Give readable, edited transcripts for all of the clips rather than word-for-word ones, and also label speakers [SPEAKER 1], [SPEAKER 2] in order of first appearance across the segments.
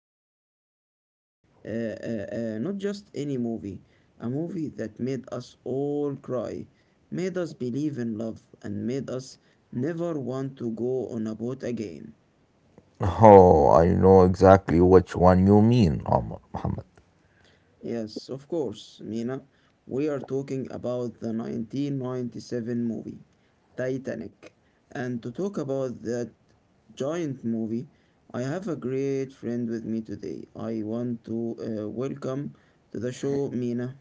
[SPEAKER 1] about a movie. Uh, not just any movie, a movie that made us all cry, made us believe in love, and made us never want to go on a boat again.
[SPEAKER 2] Oh, I know exactly which one you mean, Muhammad.
[SPEAKER 1] Yes, of course, Mina. We are talking about the 1997 movie, Titanic. And to talk about that giant movie. I have a great friend with me today. I want to welcome to the show Mina.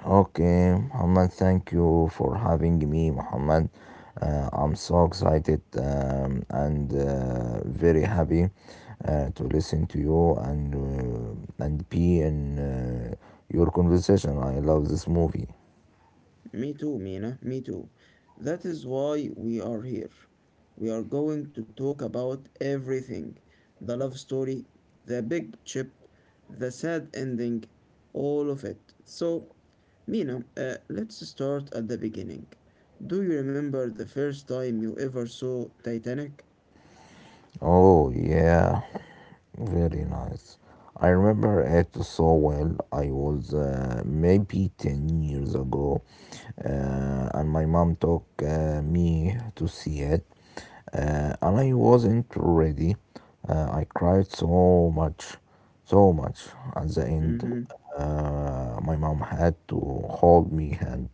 [SPEAKER 2] Okay, Muhammad, thank you for having me, Muhammad. I'm so excited, and very happy to listen to you and and be in your conversation. I love this movie.
[SPEAKER 1] Me too, Mina. Me too. That is why we are here. We are going to talk about everything the love story, the big chip, the sad ending, all of it. So, Mina, let's start at the beginning. Do you remember the first time you ever saw Titanic?
[SPEAKER 2] Oh yeah, very nice. I remember it so well. I was maybe 10 years ago, and my mom took me to see it, and I wasn't ready. I cried so much, so much. At the end,
[SPEAKER 1] Mm-hmm.
[SPEAKER 2] my mom had to hold me hand.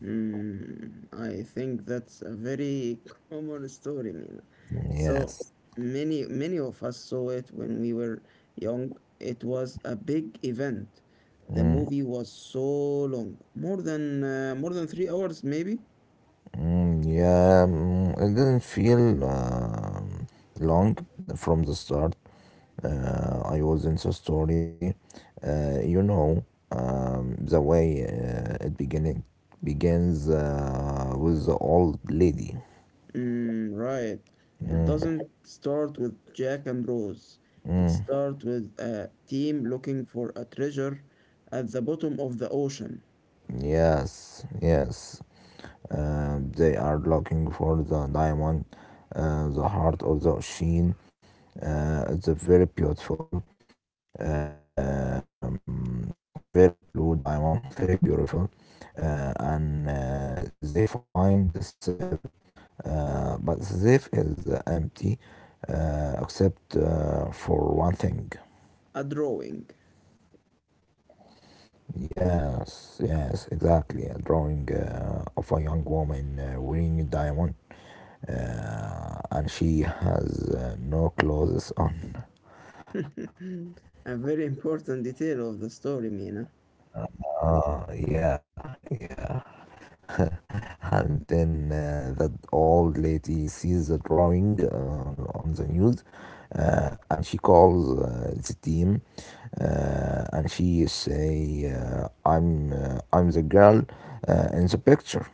[SPEAKER 1] Mm, I think that's a very common story, Mina. So
[SPEAKER 2] Yes.
[SPEAKER 1] many, many of us saw it when we were young. It was a big event. The
[SPEAKER 2] Mm,
[SPEAKER 1] movie was so long, more than 3 hours, maybe.
[SPEAKER 2] mm, yeah, it didn't feel long from the start. I was in the story. Uh, you know, the way it beginning begins with the old lady.
[SPEAKER 1] Mm, right. It doesn't start with Jack and Rose. It starts with a team looking for a treasure at the bottom of the ocean,
[SPEAKER 2] Yes, yes. They are looking for the diamond, the heart of the ocean. It's a very beautiful, um, very blue diamond, very beautiful. And they find the safe, but the safe is empty except for one thing.
[SPEAKER 1] a drawing,
[SPEAKER 2] Yes, yes, exactly. A drawing of a young woman wearing a diamond, and she has no clothes on.
[SPEAKER 1] a very important detail of the story, Mina.
[SPEAKER 2] Ah, yeah, yeah. And then that old lady sees the drawing on the news, and she calls the team, and she say, "I'm the girl in the picture,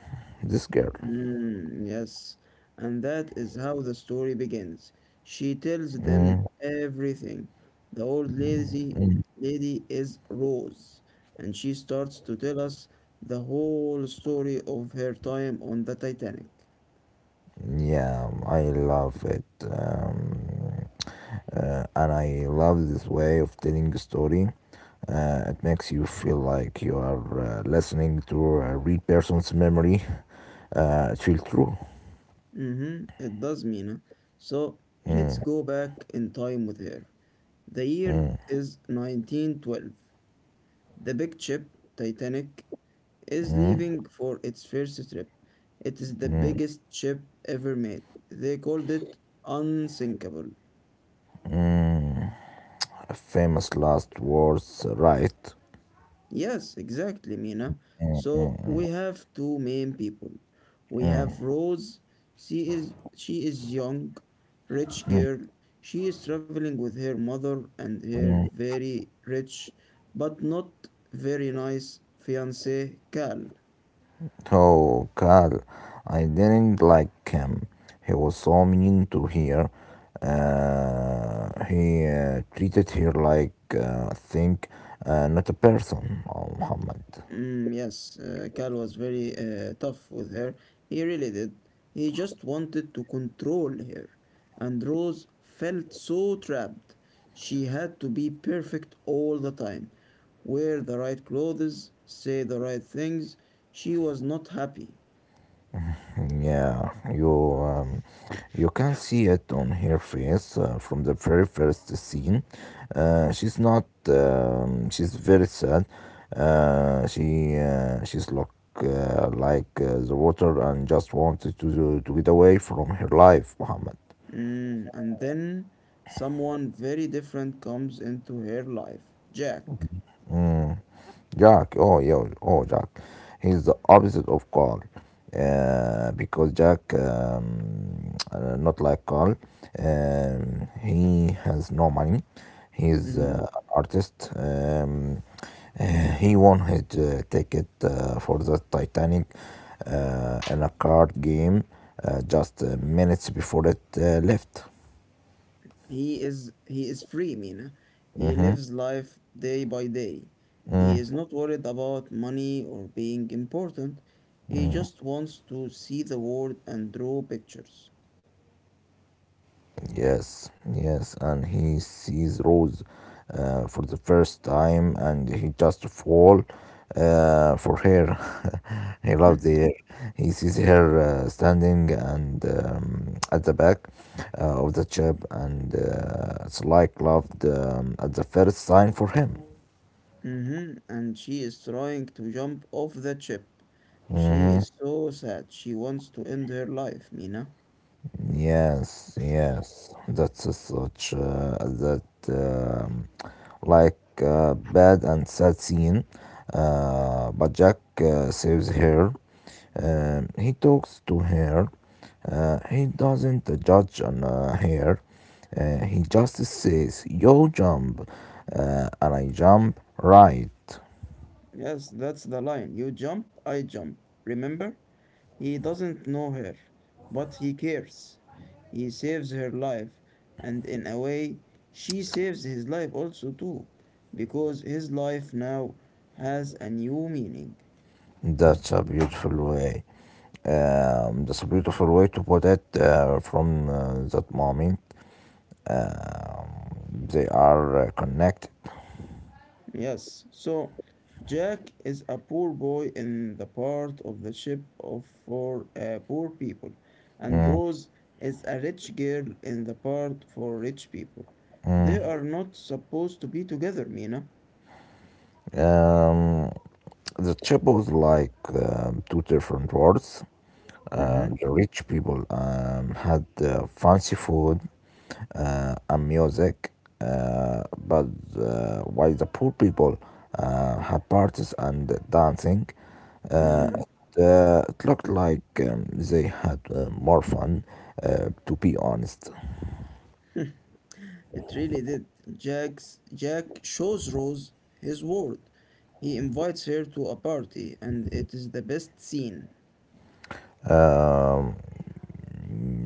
[SPEAKER 2] this girl."
[SPEAKER 1] Mm, yes, and that is how the story begins. She tells them
[SPEAKER 2] Mm,
[SPEAKER 1] everything. The old lazy lady is Rose, and she starts to tell us the whole story of her time on the Titanic.
[SPEAKER 2] yeah, I love it. And I love this way of telling a story. It makes you feel like you are listening to a real person's memory. It feels true.
[SPEAKER 1] Mm-hmm, it does, Mina. So let's go back in time with her. The year is 1912. The big ship, Titanic, is leaving for its first trip. It is the biggest ship ever made. They called it unsinkable.
[SPEAKER 2] Famous last words, right?
[SPEAKER 1] Yes, exactly, Mina. So we have two main people. We have Rose. She is young, rich girl. She is traveling with her mother and her very rich but not very nice fiance Cal.
[SPEAKER 2] Oh, Carl, I didn't like him. He was so mean to her. He treated her like, I think, not a person, oh, Muhammad.
[SPEAKER 1] Mm, yes, Cal was very tough with her. He really did. He just wanted to control her. And Rose felt so trapped. She had to be perfect all the time, wear the right clothes, say the right things. She was not happy.
[SPEAKER 2] Yeah, um, you can see it on her face from the very first scene. She's not. She's very sad. She's look like the water and just wanted to get away from her life, Muhammad.
[SPEAKER 1] Mm, and then someone very different comes into her life Jack.
[SPEAKER 2] Jack, oh yeah, oh Jack, he's the opposite of Carl, because Jack, not like Carl, he has no money. He's
[SPEAKER 1] Mm-hmm.
[SPEAKER 2] an artist. Uh, he won his ticket for the Titanic in a card game just minutes before it left.
[SPEAKER 1] He is free, Mina. He
[SPEAKER 2] Mm-hmm.
[SPEAKER 1] lives life day by day. He
[SPEAKER 2] Mm.
[SPEAKER 1] is not worried about money or being important. He just wants to see the world and draw pictures.
[SPEAKER 2] Yes, yes, and he sees Rose for the first time, and he just fall for her. He
[SPEAKER 1] Hmm.
[SPEAKER 2] loves her. He sees her standing and at the back of the ship, and it's like love at the first sign for him.
[SPEAKER 1] Mm-hmm. And she is trying to jump off the ship. She
[SPEAKER 2] Mhm.
[SPEAKER 1] is so sad. She wants to end her life, Mina.
[SPEAKER 2] Yes, yes, that's a such that um, like bad and sad scene. But Jack saves her. He talks to her. He doesn't judge on her. He just says, "Yo, jump," and I jump right.
[SPEAKER 1] Yes, that's the line. You jump, I jump. Remember? He doesn't know her, but he cares. He saves her life, and in a way, she saves his life also too, because his life now has a new meaning.
[SPEAKER 2] That's a beautiful way. That's a beautiful way to put it from that moment. Um, They are connected.
[SPEAKER 1] Yes, so Jack is a poor boy in the part of the ship of for poor people, and
[SPEAKER 2] Mm,
[SPEAKER 1] Rose is a rich girl in the part for rich people. They
[SPEAKER 2] mm.
[SPEAKER 1] are not supposed to be together, Mina.
[SPEAKER 2] Um, the chip was like two different worlds.
[SPEAKER 1] Mm-hmm.
[SPEAKER 2] The rich people had fancy food and music, but while the poor people had parties and dancing, uh,
[SPEAKER 1] Mm.
[SPEAKER 2] it, uh, it looked like they had more fun, to be honest.
[SPEAKER 1] It really did. Jack shows Rose his world. He invites her to a party, and it is the best scene.
[SPEAKER 2] Um,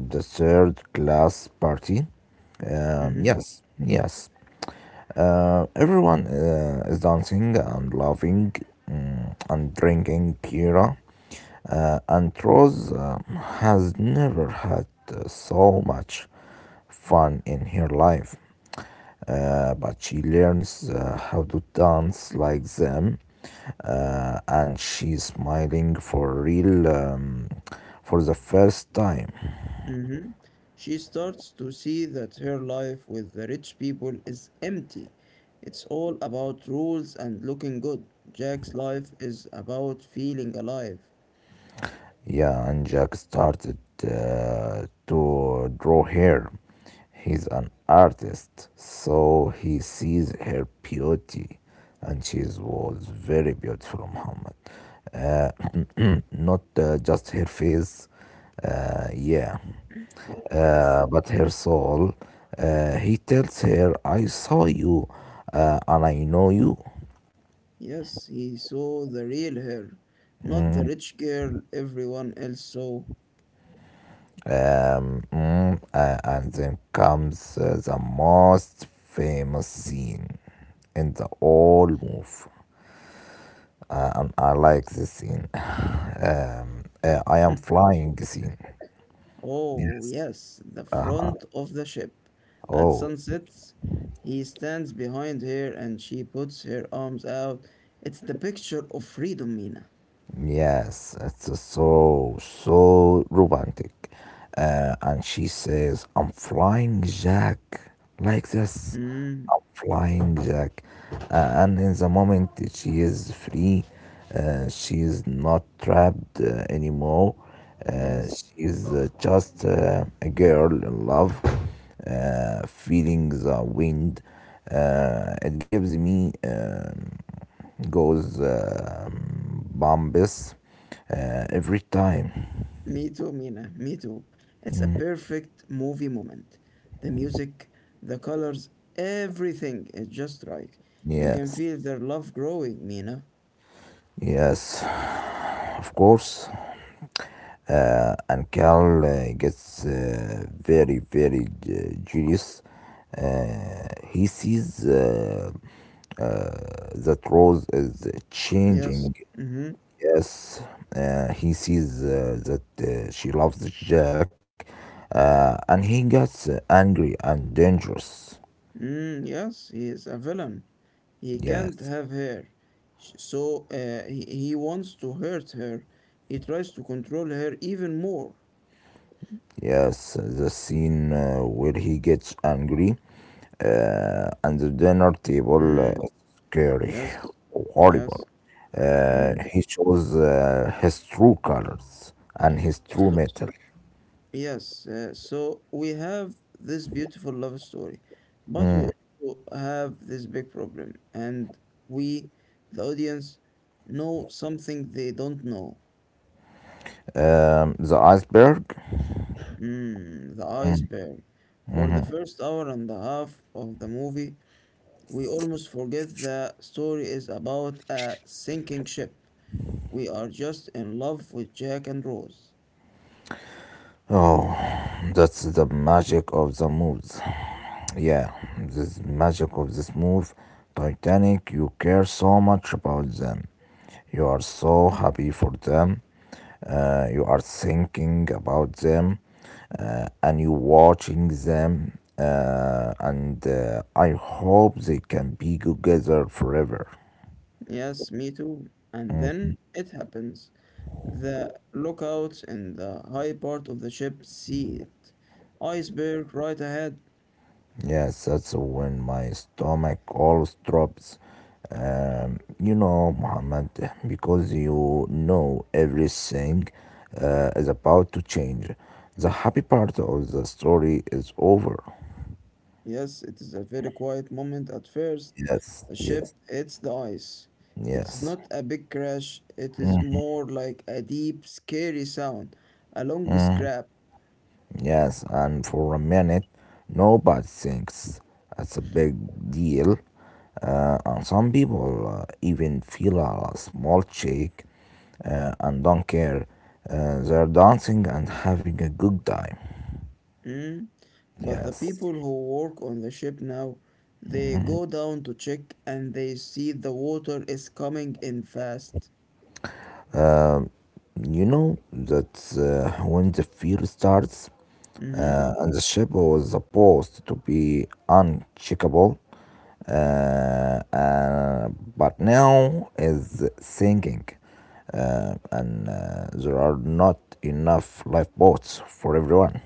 [SPEAKER 2] the third class party.
[SPEAKER 1] hmm
[SPEAKER 2] Yes, yes. Everyone is dancing and laughing, and drinking Kira. And Rose has never had so much fun in her life. But she learns how to dance like them. And she's smiling for real for the first time.
[SPEAKER 1] hmm She starts to see that her life with the rich people is empty. It's all about rules and looking good. Jack's life is about feeling alive.
[SPEAKER 2] Yeah, and Jack started to draw her. He's an artist, so he sees her beauty, and she was very beautiful, Muhammad. Not just her face, yeah,
[SPEAKER 1] Yes.
[SPEAKER 2] but her soul. He tells her, I saw you and I know you.
[SPEAKER 1] Yes, he saw the real her, not the rich girl everyone else saw.
[SPEAKER 2] And then comes the most famous scene in the whole movie, and I like this scene. I am flying scene.
[SPEAKER 1] Oh,
[SPEAKER 2] Yes.
[SPEAKER 1] yes, the front of the ship. At
[SPEAKER 2] Oh.
[SPEAKER 1] sunsets, he stands behind her and she puts her arms out. It's the picture of freedom, Mina.
[SPEAKER 2] Yes, it's so, so romantic. And she says, I'm flying Jack, like this.
[SPEAKER 1] Mm,
[SPEAKER 2] I'm flying Jack. And in the moment that she is free, she is not trapped anymore.
[SPEAKER 1] yes,
[SPEAKER 2] She is just a girl in love, feeling the wind. It gives me goes. Bombes every time.
[SPEAKER 1] me too, Mina, me too. It's a perfect movie moment. The music, the colors, everything is just right. You can
[SPEAKER 2] Yes,
[SPEAKER 1] feel their love growing, Mina.
[SPEAKER 2] yes, of course. And Carl gets very, very jealous. He sees that Rose is
[SPEAKER 1] Yes.
[SPEAKER 2] changing.
[SPEAKER 1] Hmm.
[SPEAKER 2] Yes, he sees that she loves Jack, and he gets angry and dangerous.
[SPEAKER 1] Mm, yes, he is a villain. He can't
[SPEAKER 2] Yes.
[SPEAKER 1] have her. So he wants to hurt her. He tries to control her even more.
[SPEAKER 2] Yes, the scene where he gets angry and the dinner table
[SPEAKER 1] Mm,
[SPEAKER 2] is scary,
[SPEAKER 1] yes,
[SPEAKER 2] horrible.
[SPEAKER 1] yes. Mm.
[SPEAKER 2] He shows his true colors and his true
[SPEAKER 1] So,
[SPEAKER 2] metal.
[SPEAKER 1] yes, so we have this beautiful love story, but we also have this big problem, and we, the audience, know something they don't know.
[SPEAKER 2] The iceberg?
[SPEAKER 1] Mm, the iceberg. For the first hour and a half of the movie, we almost forget the story is about a sinking ship. We are just in love with Jack and Rose.
[SPEAKER 2] Oh, that's the magic of the mood. Yeah, this magic of this move, Titanic, you care so much about them. You are so happy for them. You are thinking about them and you watching them. And I hope they can be together forever.
[SPEAKER 1] Yes, me too. And then it happens. The lookouts in the high part of the ship see it. Iceberg right ahead.
[SPEAKER 2] Yes, that's when my stomach always drops. You know, Muhammad, because you know everything is about to change. The happy part of the story is over.
[SPEAKER 1] Yes, it is a very quiet moment at first.
[SPEAKER 2] Yes,
[SPEAKER 1] A
[SPEAKER 2] yes,
[SPEAKER 1] ship hits the ice. It's
[SPEAKER 2] yes.
[SPEAKER 1] not a big crash, it is more like a deep, scary sound, a long scrap.
[SPEAKER 2] Yes, and for a minute, nobody thinks it's a big deal. And some people even feel a small shake and don't care. They're dancing and having a good time.
[SPEAKER 1] Mm? But the
[SPEAKER 2] Yes.
[SPEAKER 1] people who work on the ship now, they go down to check and they see the water is coming in fast.
[SPEAKER 2] You know that when the fear starts
[SPEAKER 1] Mhm.
[SPEAKER 2] and the ship was supposed to be uncheckable, uh, uh, but now is sinking, and there are not enough lifeboats for everyone.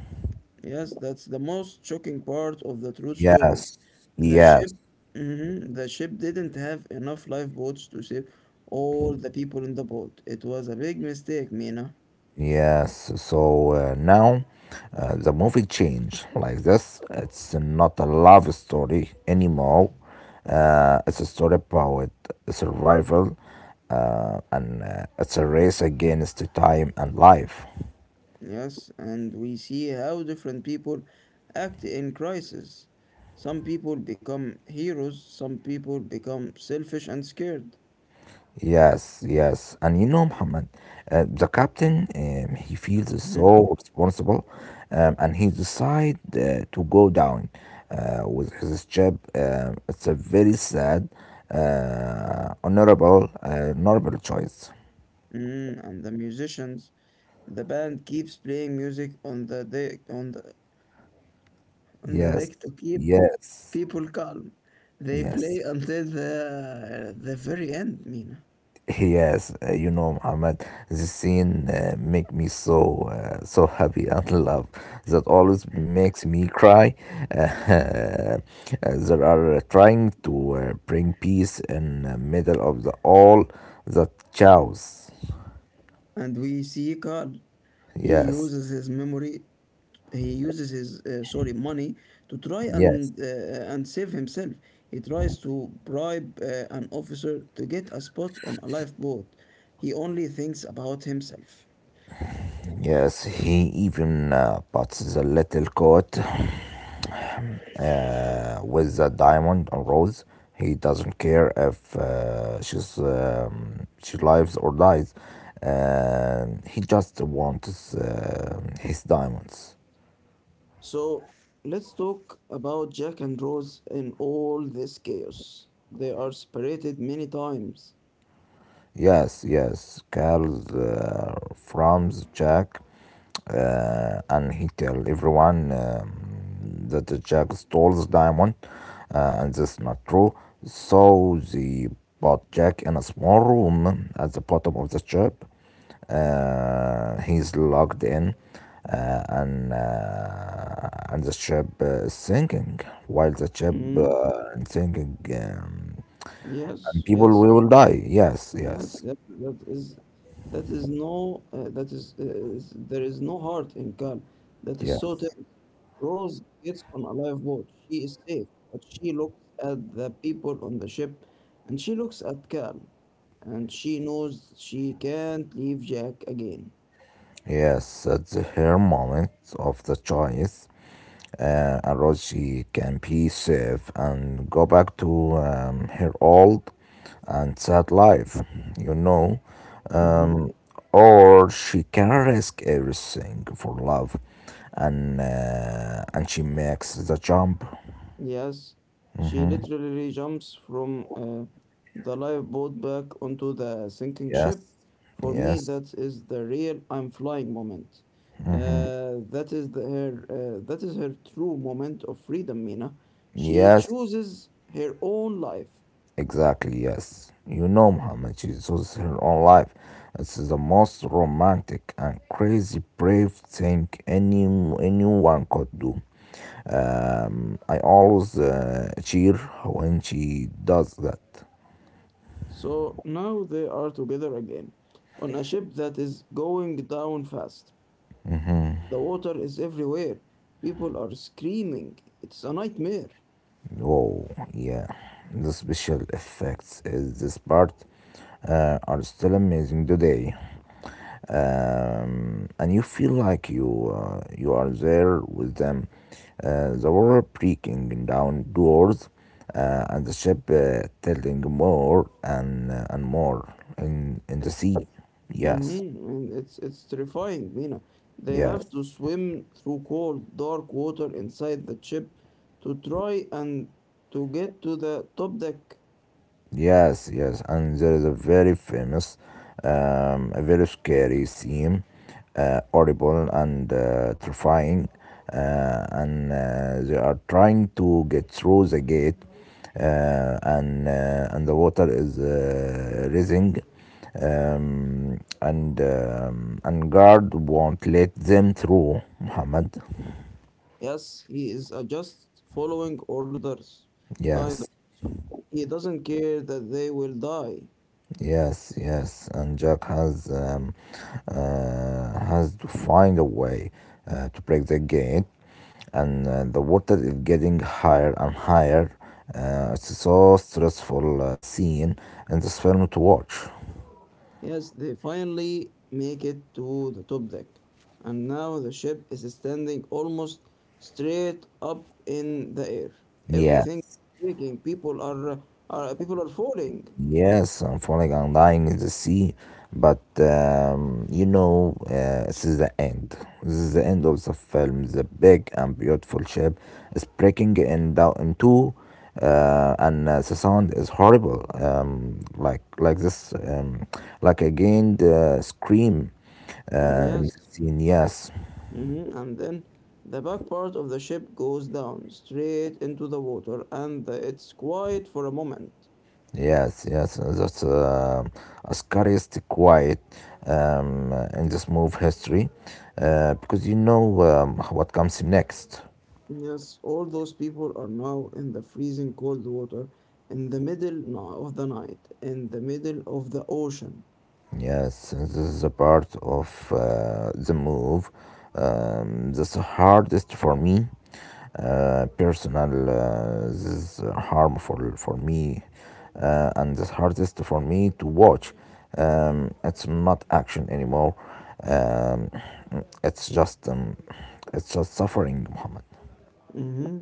[SPEAKER 1] Yes, that's the most shocking part of the true story.
[SPEAKER 2] Yes,
[SPEAKER 1] The ship,
[SPEAKER 2] yes,
[SPEAKER 1] mhm, the ship didn't have enough lifeboats to save all the people in the boat. It was a big mistake, Mina.
[SPEAKER 2] yes, so now the movie changed like this. It's not a love story anymore. It's a story about survival, and it's a race against time and life.
[SPEAKER 1] Yes, and we see how different people act in crisis. Some people become heroes, some people become selfish and scared.
[SPEAKER 2] Yes, yes. And you know, Muhammad, the captain, he feels
[SPEAKER 1] Mhm.
[SPEAKER 2] so responsible, and he decides to go down with his job. It's a very sad, honorable choice.
[SPEAKER 1] Mhm. And the musicians, the band keeps playing music on the
[SPEAKER 2] Yes,
[SPEAKER 1] deck to keep
[SPEAKER 2] yes,
[SPEAKER 1] people calm. They play
[SPEAKER 2] yes.
[SPEAKER 1] until the very end, Mina.
[SPEAKER 2] Yes, you know, Muhammad, this scene make me so happy, and love that always makes me cry. There are trying to bring peace in the middle of the all the chaos.
[SPEAKER 1] And we see Carl. He
[SPEAKER 2] Yes,
[SPEAKER 1] uses his memory. He uses his sorry money to try
[SPEAKER 2] yes.
[SPEAKER 1] and save himself. He tries to bribe an officer to get a spot on a lifeboat. He only thinks about himself.
[SPEAKER 2] Yes, he even puts the little coat with the diamond and rose. He doesn't care if she lives or dies. He just wants his diamonds.
[SPEAKER 1] So let's talk about Jack and Rose in all this chaos. They are separated many times.
[SPEAKER 2] Yes, yes, Carl from the Czech, and he tell everyone that the Czech stole the diamond, and that's not true. So they put Jack in a small room at the bottom of the ship. He's locked in, and the ship is sinking. While the ship
[SPEAKER 1] Mm-hmm.
[SPEAKER 2] is sinking, and
[SPEAKER 1] Yes,
[SPEAKER 2] people
[SPEAKER 1] yes,
[SPEAKER 2] will die. Yes,
[SPEAKER 1] yes.
[SPEAKER 2] yes.
[SPEAKER 1] There is no heart in Khan. That is so
[SPEAKER 2] Yes,
[SPEAKER 1] terrible. Rose gets on a lifeboat. She is safe, but she looks at the people on the ship, and she looks at Khan, and she knows she can't leave Jack again.
[SPEAKER 2] yes, at the hair moment of the choice, Aroshi can be safe and go back to her old and sad life, you know,
[SPEAKER 1] Mm-hmm.
[SPEAKER 2] um, or she can risk everything for love, and she makes the jump.
[SPEAKER 1] Yes, she literally jumps from the lifeboat back onto the sinking
[SPEAKER 2] Yes,
[SPEAKER 1] ship. For me,
[SPEAKER 2] yes,
[SPEAKER 1] that is the real I'm flying moment. That is the, her. That is her true moment of freedom, Mina. She
[SPEAKER 2] yes.
[SPEAKER 1] chooses her own life.
[SPEAKER 2] Exactly, yes. You know, Muhammad, she chose her own life. It's the most romantic and crazy brave thing anyone could do. I always cheer when she does that.
[SPEAKER 1] So now they are together again, on a ship that is going down fast. The water is everywhere. People are screaming. It's a nightmare.
[SPEAKER 2] Oh yeah. The special effects is this part are still amazing today. And you feel like you are there with them. The water breaking down doors, and the ship tilting more and more in the
[SPEAKER 1] It's.
[SPEAKER 2] sea.
[SPEAKER 1] Mhm.
[SPEAKER 2] Yes,
[SPEAKER 1] And it's terrifying, Mina. They
[SPEAKER 2] yes.
[SPEAKER 1] have to swim through cold, dark water inside the ship to try and to get to the top deck.
[SPEAKER 2] Yes, yes, and there is a very famous, a very scary scene, horrible and terrifying, and they are trying to get through the gate, and the water is rising, and guard won't let them through, Muhammad.
[SPEAKER 1] Yes, he is a just following orders kind of
[SPEAKER 2] Yes.
[SPEAKER 1] person. He doesn't care that they will die.
[SPEAKER 2] Yes, yes, and Jack has to find a way to break the gate, and the water is getting higher and higher. It's so stressful scene in this film to watch.
[SPEAKER 1] Yes, they finally make it to the top deck, and now the ship is standing almost straight up in the air. Everything
[SPEAKER 2] Yes.
[SPEAKER 1] is breaking. People are falling.
[SPEAKER 2] Yes, I'm falling and dying in the sea, but this is the end. This is the end of the film. The big and beautiful ship is breaking in down in two, and the sound is horrible. Like this, like again the scream.
[SPEAKER 1] Mm,
[SPEAKER 2] In
[SPEAKER 1] yes,
[SPEAKER 2] the scene, yes.
[SPEAKER 1] and then the back part of the ship goes down straight into the water, and it's quiet for a moment.
[SPEAKER 2] Yes, yes, that's a scariest quiet in this move history, because you know what comes next.
[SPEAKER 1] Yes, all those people are now in the freezing cold water in the middle of the night, in the middle of the ocean.
[SPEAKER 2] Yes, this is a part of the move. That's the hardest for me. This is harmful for me, and the hardest for me to watch. It's not action anymore. Um, it's just, um, it's just suffering, Muhammad.
[SPEAKER 1] Mhm.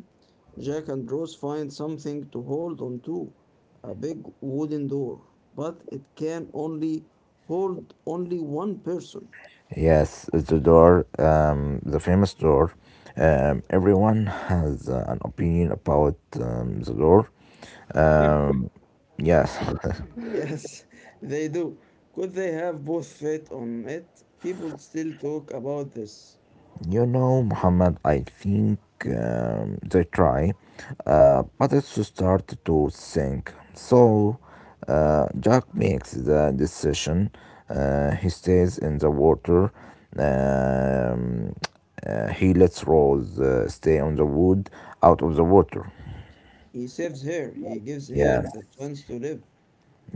[SPEAKER 1] Jack and Rose find something to hold on to, a big wooden door, but it can only hold only one person.
[SPEAKER 2] Yes, it's the door, the famous door. Everyone has an opinion about the door. Um, yes,
[SPEAKER 1] Yes, they do. Could they have both fit on it? People still talk about this.
[SPEAKER 2] you know, Muhammad, I think they try, but it's to start to think. So, Jack makes the decision. He stays in the water. Um, he lets Rose stay on the wood out of the water.
[SPEAKER 1] He saves her, he gives her
[SPEAKER 2] Yes,
[SPEAKER 1] the chance to live.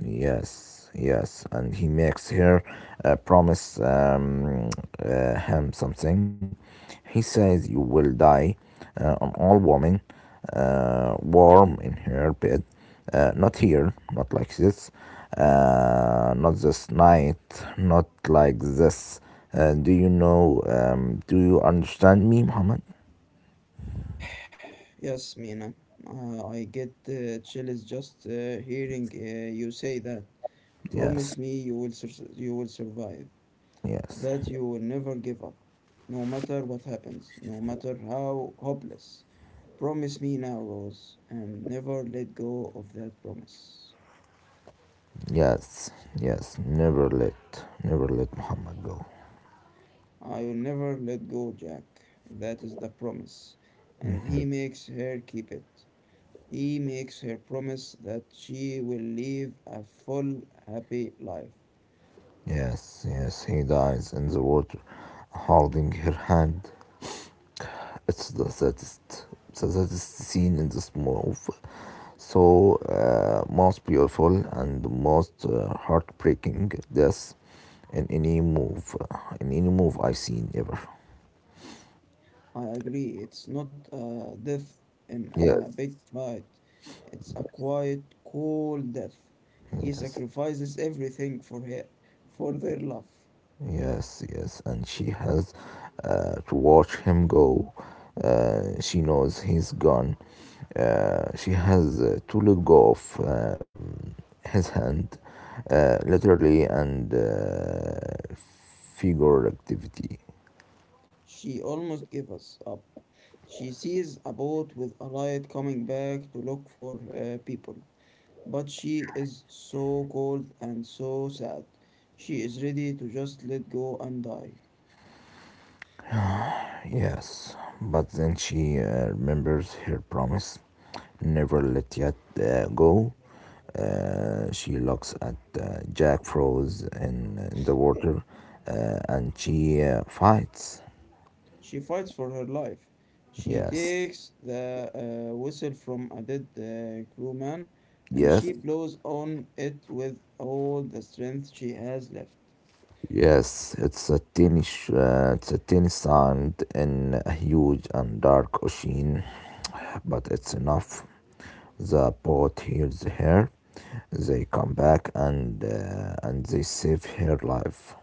[SPEAKER 2] yes, yes. And he makes her promise him something. He says, "You will die an old woman, warm in her bed. Not here, not like this, not this night, not like this." Do you know? Do you understand me, Muhammad?
[SPEAKER 1] Yes, Mina, I get chills just hearing you say that.
[SPEAKER 2] Yes,
[SPEAKER 1] Promise me you will survive.
[SPEAKER 2] yes,
[SPEAKER 1] That you will never give up, no matter what happens, no matter how hopeless. Promise me now, Rose, and never let go of that promise.
[SPEAKER 2] yes, yes. Never let, never let Muhammad go.
[SPEAKER 1] I will never let go, Jack. That is the promise. And he makes her keep it. He makes her promise that she will live a full, happy life.
[SPEAKER 2] Yes, yes, he dies in the water, holding her hand. It's the saddest scene in this movie. So, most beautiful and most heartbreaking death in any move, in any move I've seen ever.
[SPEAKER 1] I agree. It's not a death in a
[SPEAKER 2] Yes,
[SPEAKER 1] big fight. It's a quiet, cold death. He
[SPEAKER 2] yes.
[SPEAKER 1] sacrifices everything for her, for their love.
[SPEAKER 2] Yes, yes, and she has to watch him go. She knows he's gone. She has to let go of his hand, literally and figuratively.
[SPEAKER 1] She almost gives us up. She sees a boat with a light coming back to look for people. But she is so cold and so sad. She is ready to just let go and die.
[SPEAKER 2] Yes, but then she remembers her promise, never let Yat go. She looks at Jack froze in the water, and she fights.
[SPEAKER 1] She fights for her life. She
[SPEAKER 2] Yes,
[SPEAKER 1] takes the whistle from a dead crewman and
[SPEAKER 2] yes.
[SPEAKER 1] she blows on it with all the strength she has left.
[SPEAKER 2] Yes, it's a tiny, it's a tiny sound in a huge and dark ocean, but it's enough. The boat hears her. They come back and they save her life.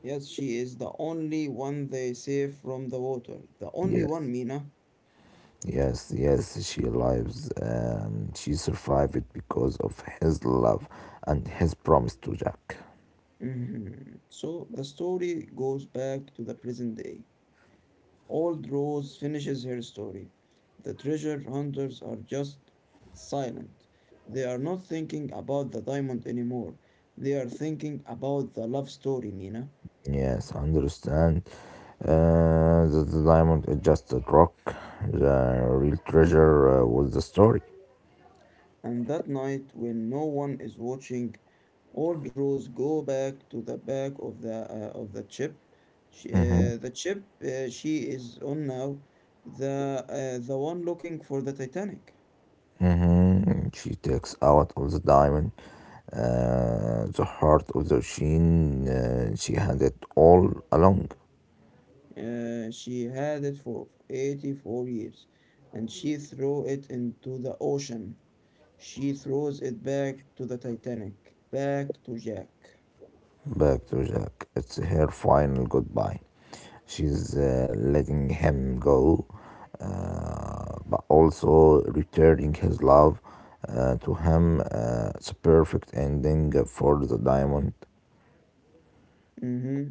[SPEAKER 1] Yes, she is the only one they save from the water. The only
[SPEAKER 2] Yes,
[SPEAKER 1] one, Mina.
[SPEAKER 2] yes, yes. She lives. She survived because of his love and his promise to Jack.
[SPEAKER 1] Mhm. So the story goes back to the present day. Old Rose finishes her story. The treasure hunters are just silent. They are not thinking about the diamond anymore. They are thinking about the love story, Mina.
[SPEAKER 2] Yes, I understand. The diamond is just a rock. The real treasure was the story.
[SPEAKER 1] And that night, when no one is watching, Old Rose go back to the back of the chip.
[SPEAKER 2] Hmm.
[SPEAKER 1] The chip she is on now, the one looking for the Titanic.
[SPEAKER 2] Hmm. She takes out of the diamond the heart of the machine. She had it all along.
[SPEAKER 1] She had it for 84 years, and she threw it into the ocean. She throws it back to the Titanic, back to Jack.
[SPEAKER 2] Back to Jack. It's her final goodbye. She's letting him go, but also returning his love to him. It's a perfect ending for the diamond.
[SPEAKER 1] Mm-hmm.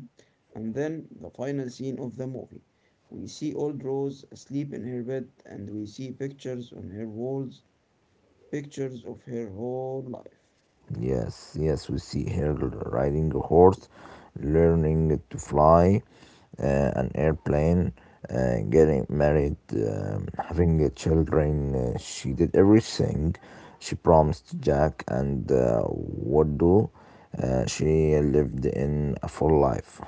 [SPEAKER 1] And then the final scene of the movie. We see old Rose asleep in her bed, and we see pictures on her walls, pictures of her whole life.
[SPEAKER 2] Yes, yes, we see her riding a horse, learning to fly an airplane, getting married, having children. She did everything she promised Jack, and what do? She lived in a full life.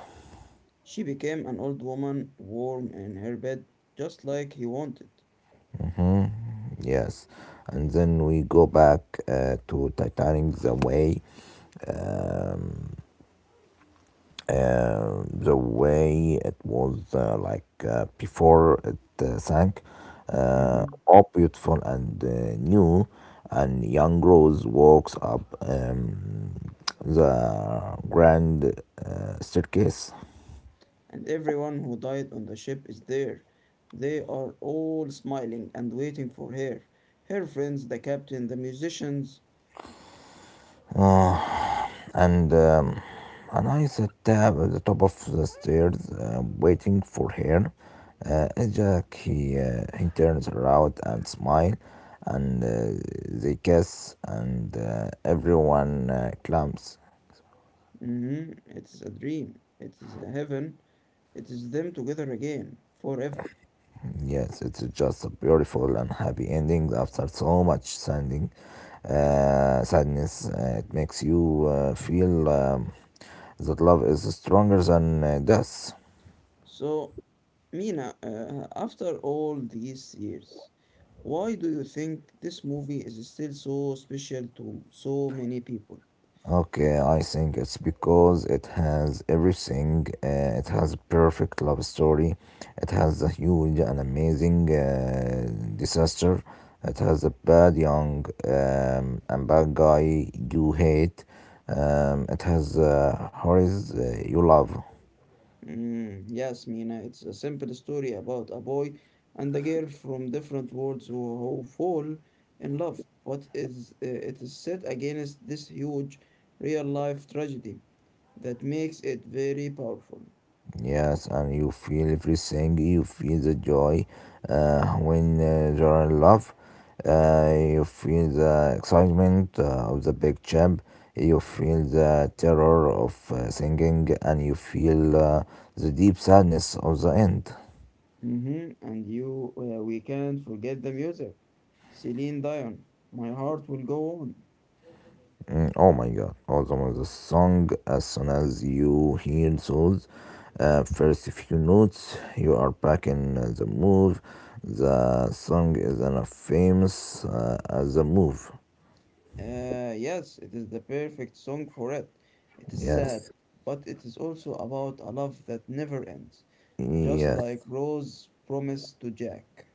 [SPEAKER 1] She became an old woman, warm in her bed, just like he wanted.
[SPEAKER 2] Yes, and then we go back to Titanic the way. Um, the way it was like before it sank,
[SPEAKER 1] Mm-hmm.
[SPEAKER 2] all beautiful and new, and young Rose walks up the grand staircase.
[SPEAKER 1] And everyone who died on the ship is there. They are all smiling and waiting for her. Her friends, the captain, the musicians.
[SPEAKER 2] and um, and I sat down at the top of the stairs, waiting for her. And Jack, he turns around and smile, and they kiss, and everyone clumps.
[SPEAKER 1] Mhm. It is a dream. It is a heaven. It is them together again, forever.
[SPEAKER 2] Yes, it's just a beautiful and happy ending after so much sanding, sadness. It makes you feel that love is stronger than death.
[SPEAKER 1] So, Mina, after all these years, why do you think this movie is still so special to so many people?
[SPEAKER 2] Okay, I think it's because it has everything. It has perfect love story. It has a huge and amazing disaster. It has a bad young and bad guy you hate. It has horrors you love.
[SPEAKER 1] Mm, yes, Mina, it's a simple story about a boy and a girl from different worlds who fall in love, but it is set against this huge real life tragedy that makes it very powerful.
[SPEAKER 2] Yes, and you feel everything. You feel the joy when you are in love. You feel the excitement of the big jump. You feel the terror of singing, and you feel the deep sadness of the end.
[SPEAKER 1] We can't forget the music. Celine Dion, My Heart Will Go On.
[SPEAKER 2] Mm. Oh my god, welcome to the song. As soon as you hear those first few notes, you are back in the move. The song is enough famous as a move.
[SPEAKER 1] Yes, it is the perfect song for it. It is sad,
[SPEAKER 2] Yes,
[SPEAKER 1] but it is also about a love that never ends. Just like
[SPEAKER 2] yes.
[SPEAKER 1] Rose promised to Jack.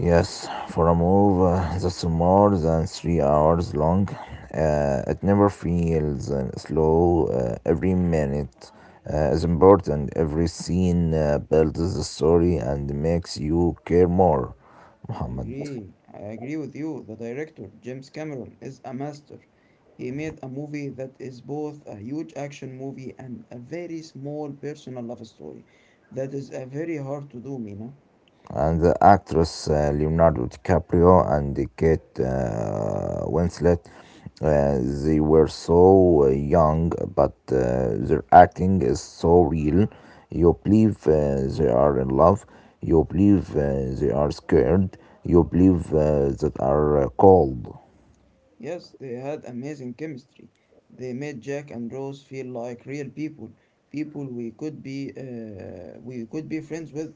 [SPEAKER 2] Yes, for a move that's more than 3 hours long, it never feels slow. Every minute is important. Every scene builds the story and makes you care more,
[SPEAKER 1] I
[SPEAKER 2] Muhammad.
[SPEAKER 1] agree. I agree with you. The director, James Cameron, is a master. He made a movie that is both a huge action movie and a very small personal love story. That is a very hard to do, Mina.
[SPEAKER 2] And the actress, Leonardo DiCaprio and Kate Winslet. Uh, they were so young, but their acting is so real. You believe they are in love. You believe they are scared. You believe that are cold.
[SPEAKER 1] Yes, they had amazing chemistry. They made Jack and Rose feel like real people, people we could be friends with.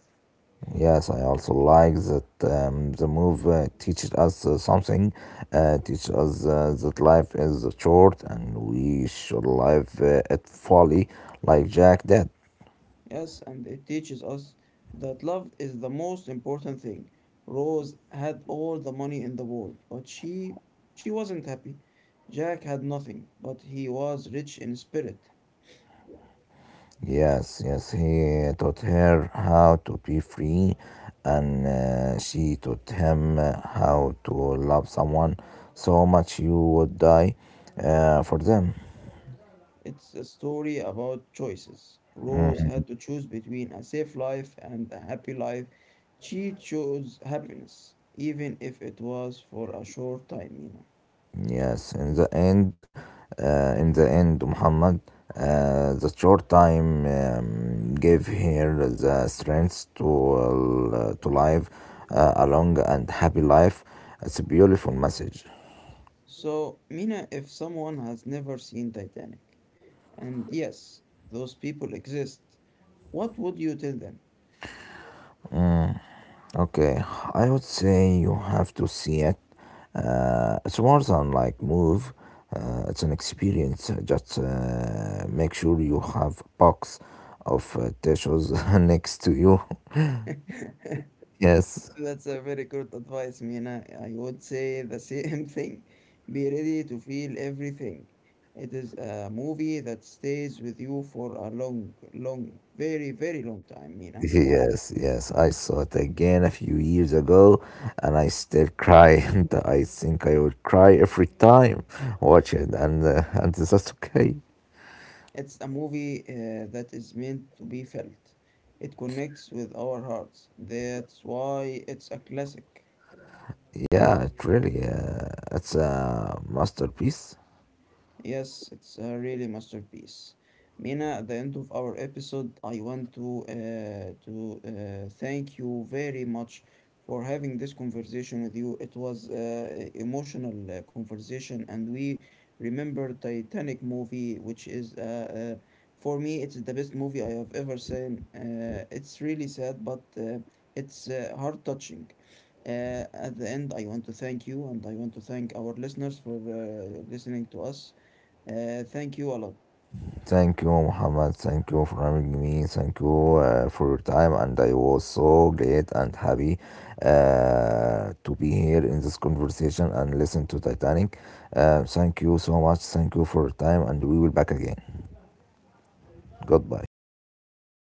[SPEAKER 2] Yes, I also like that the move teaches us something, teaches us that life is short and we should live it fully, like Jack did.
[SPEAKER 1] Yes, and it teaches us that love is the most important thing. Rose had all the money in the world, but she wasn't happy. Jack had nothing, but he was rich in spirit.
[SPEAKER 2] Yes, yes, he taught her how to be free, and she taught him how to love someone so much you would die for them.
[SPEAKER 1] It's a story about choices. Rose had to choose between a safe life and a happy life. She chose happiness, even if it was for a short time, Mina.
[SPEAKER 2] Yes, in the end, Muhammad, the short time gave her the strength to live a long and happy life. It's a beautiful message.
[SPEAKER 1] So, Mina, if someone has never seen Titanic, and yes, those people exist. What would you tell them?
[SPEAKER 2] Okay, I would say you have to see it. It's more than like move. It's an experience. Just make sure you have box of tissues next to you. Yes.
[SPEAKER 1] That's a very good advice, Mina. I would say the same thing. Be ready to feel everything. It is a movie that stays with you for a long, long, very, very long time, Mina.
[SPEAKER 2] Yes, yes, I saw it again a few years ago, and I still cry. And I think I would cry every time watch it, and and that's okay.
[SPEAKER 1] It's a movie that is meant to be felt. It connects with our hearts. That's why it's a classic.
[SPEAKER 2] Yeah, it really, it's a masterpiece.
[SPEAKER 1] Yes, it's a really masterpiece. Mina, at the end of our episode, I want to thank you very much for having this conversation with you. It was emotional conversation, and we remember Titanic movie, which is for me, it's the best movie I have ever seen. It's really sad, but it's heart touching. Uh, at the end, I want to thank you and I want to thank our listeners for listening to us. Thank you a lot.
[SPEAKER 2] Thank you, Muhammad. Thank you for having me. Thank you for your time, and I was so glad and happy to be here in this conversation and listen to Titanic. Thank you so much. Thank you for your time, and we will back again. Goodbye.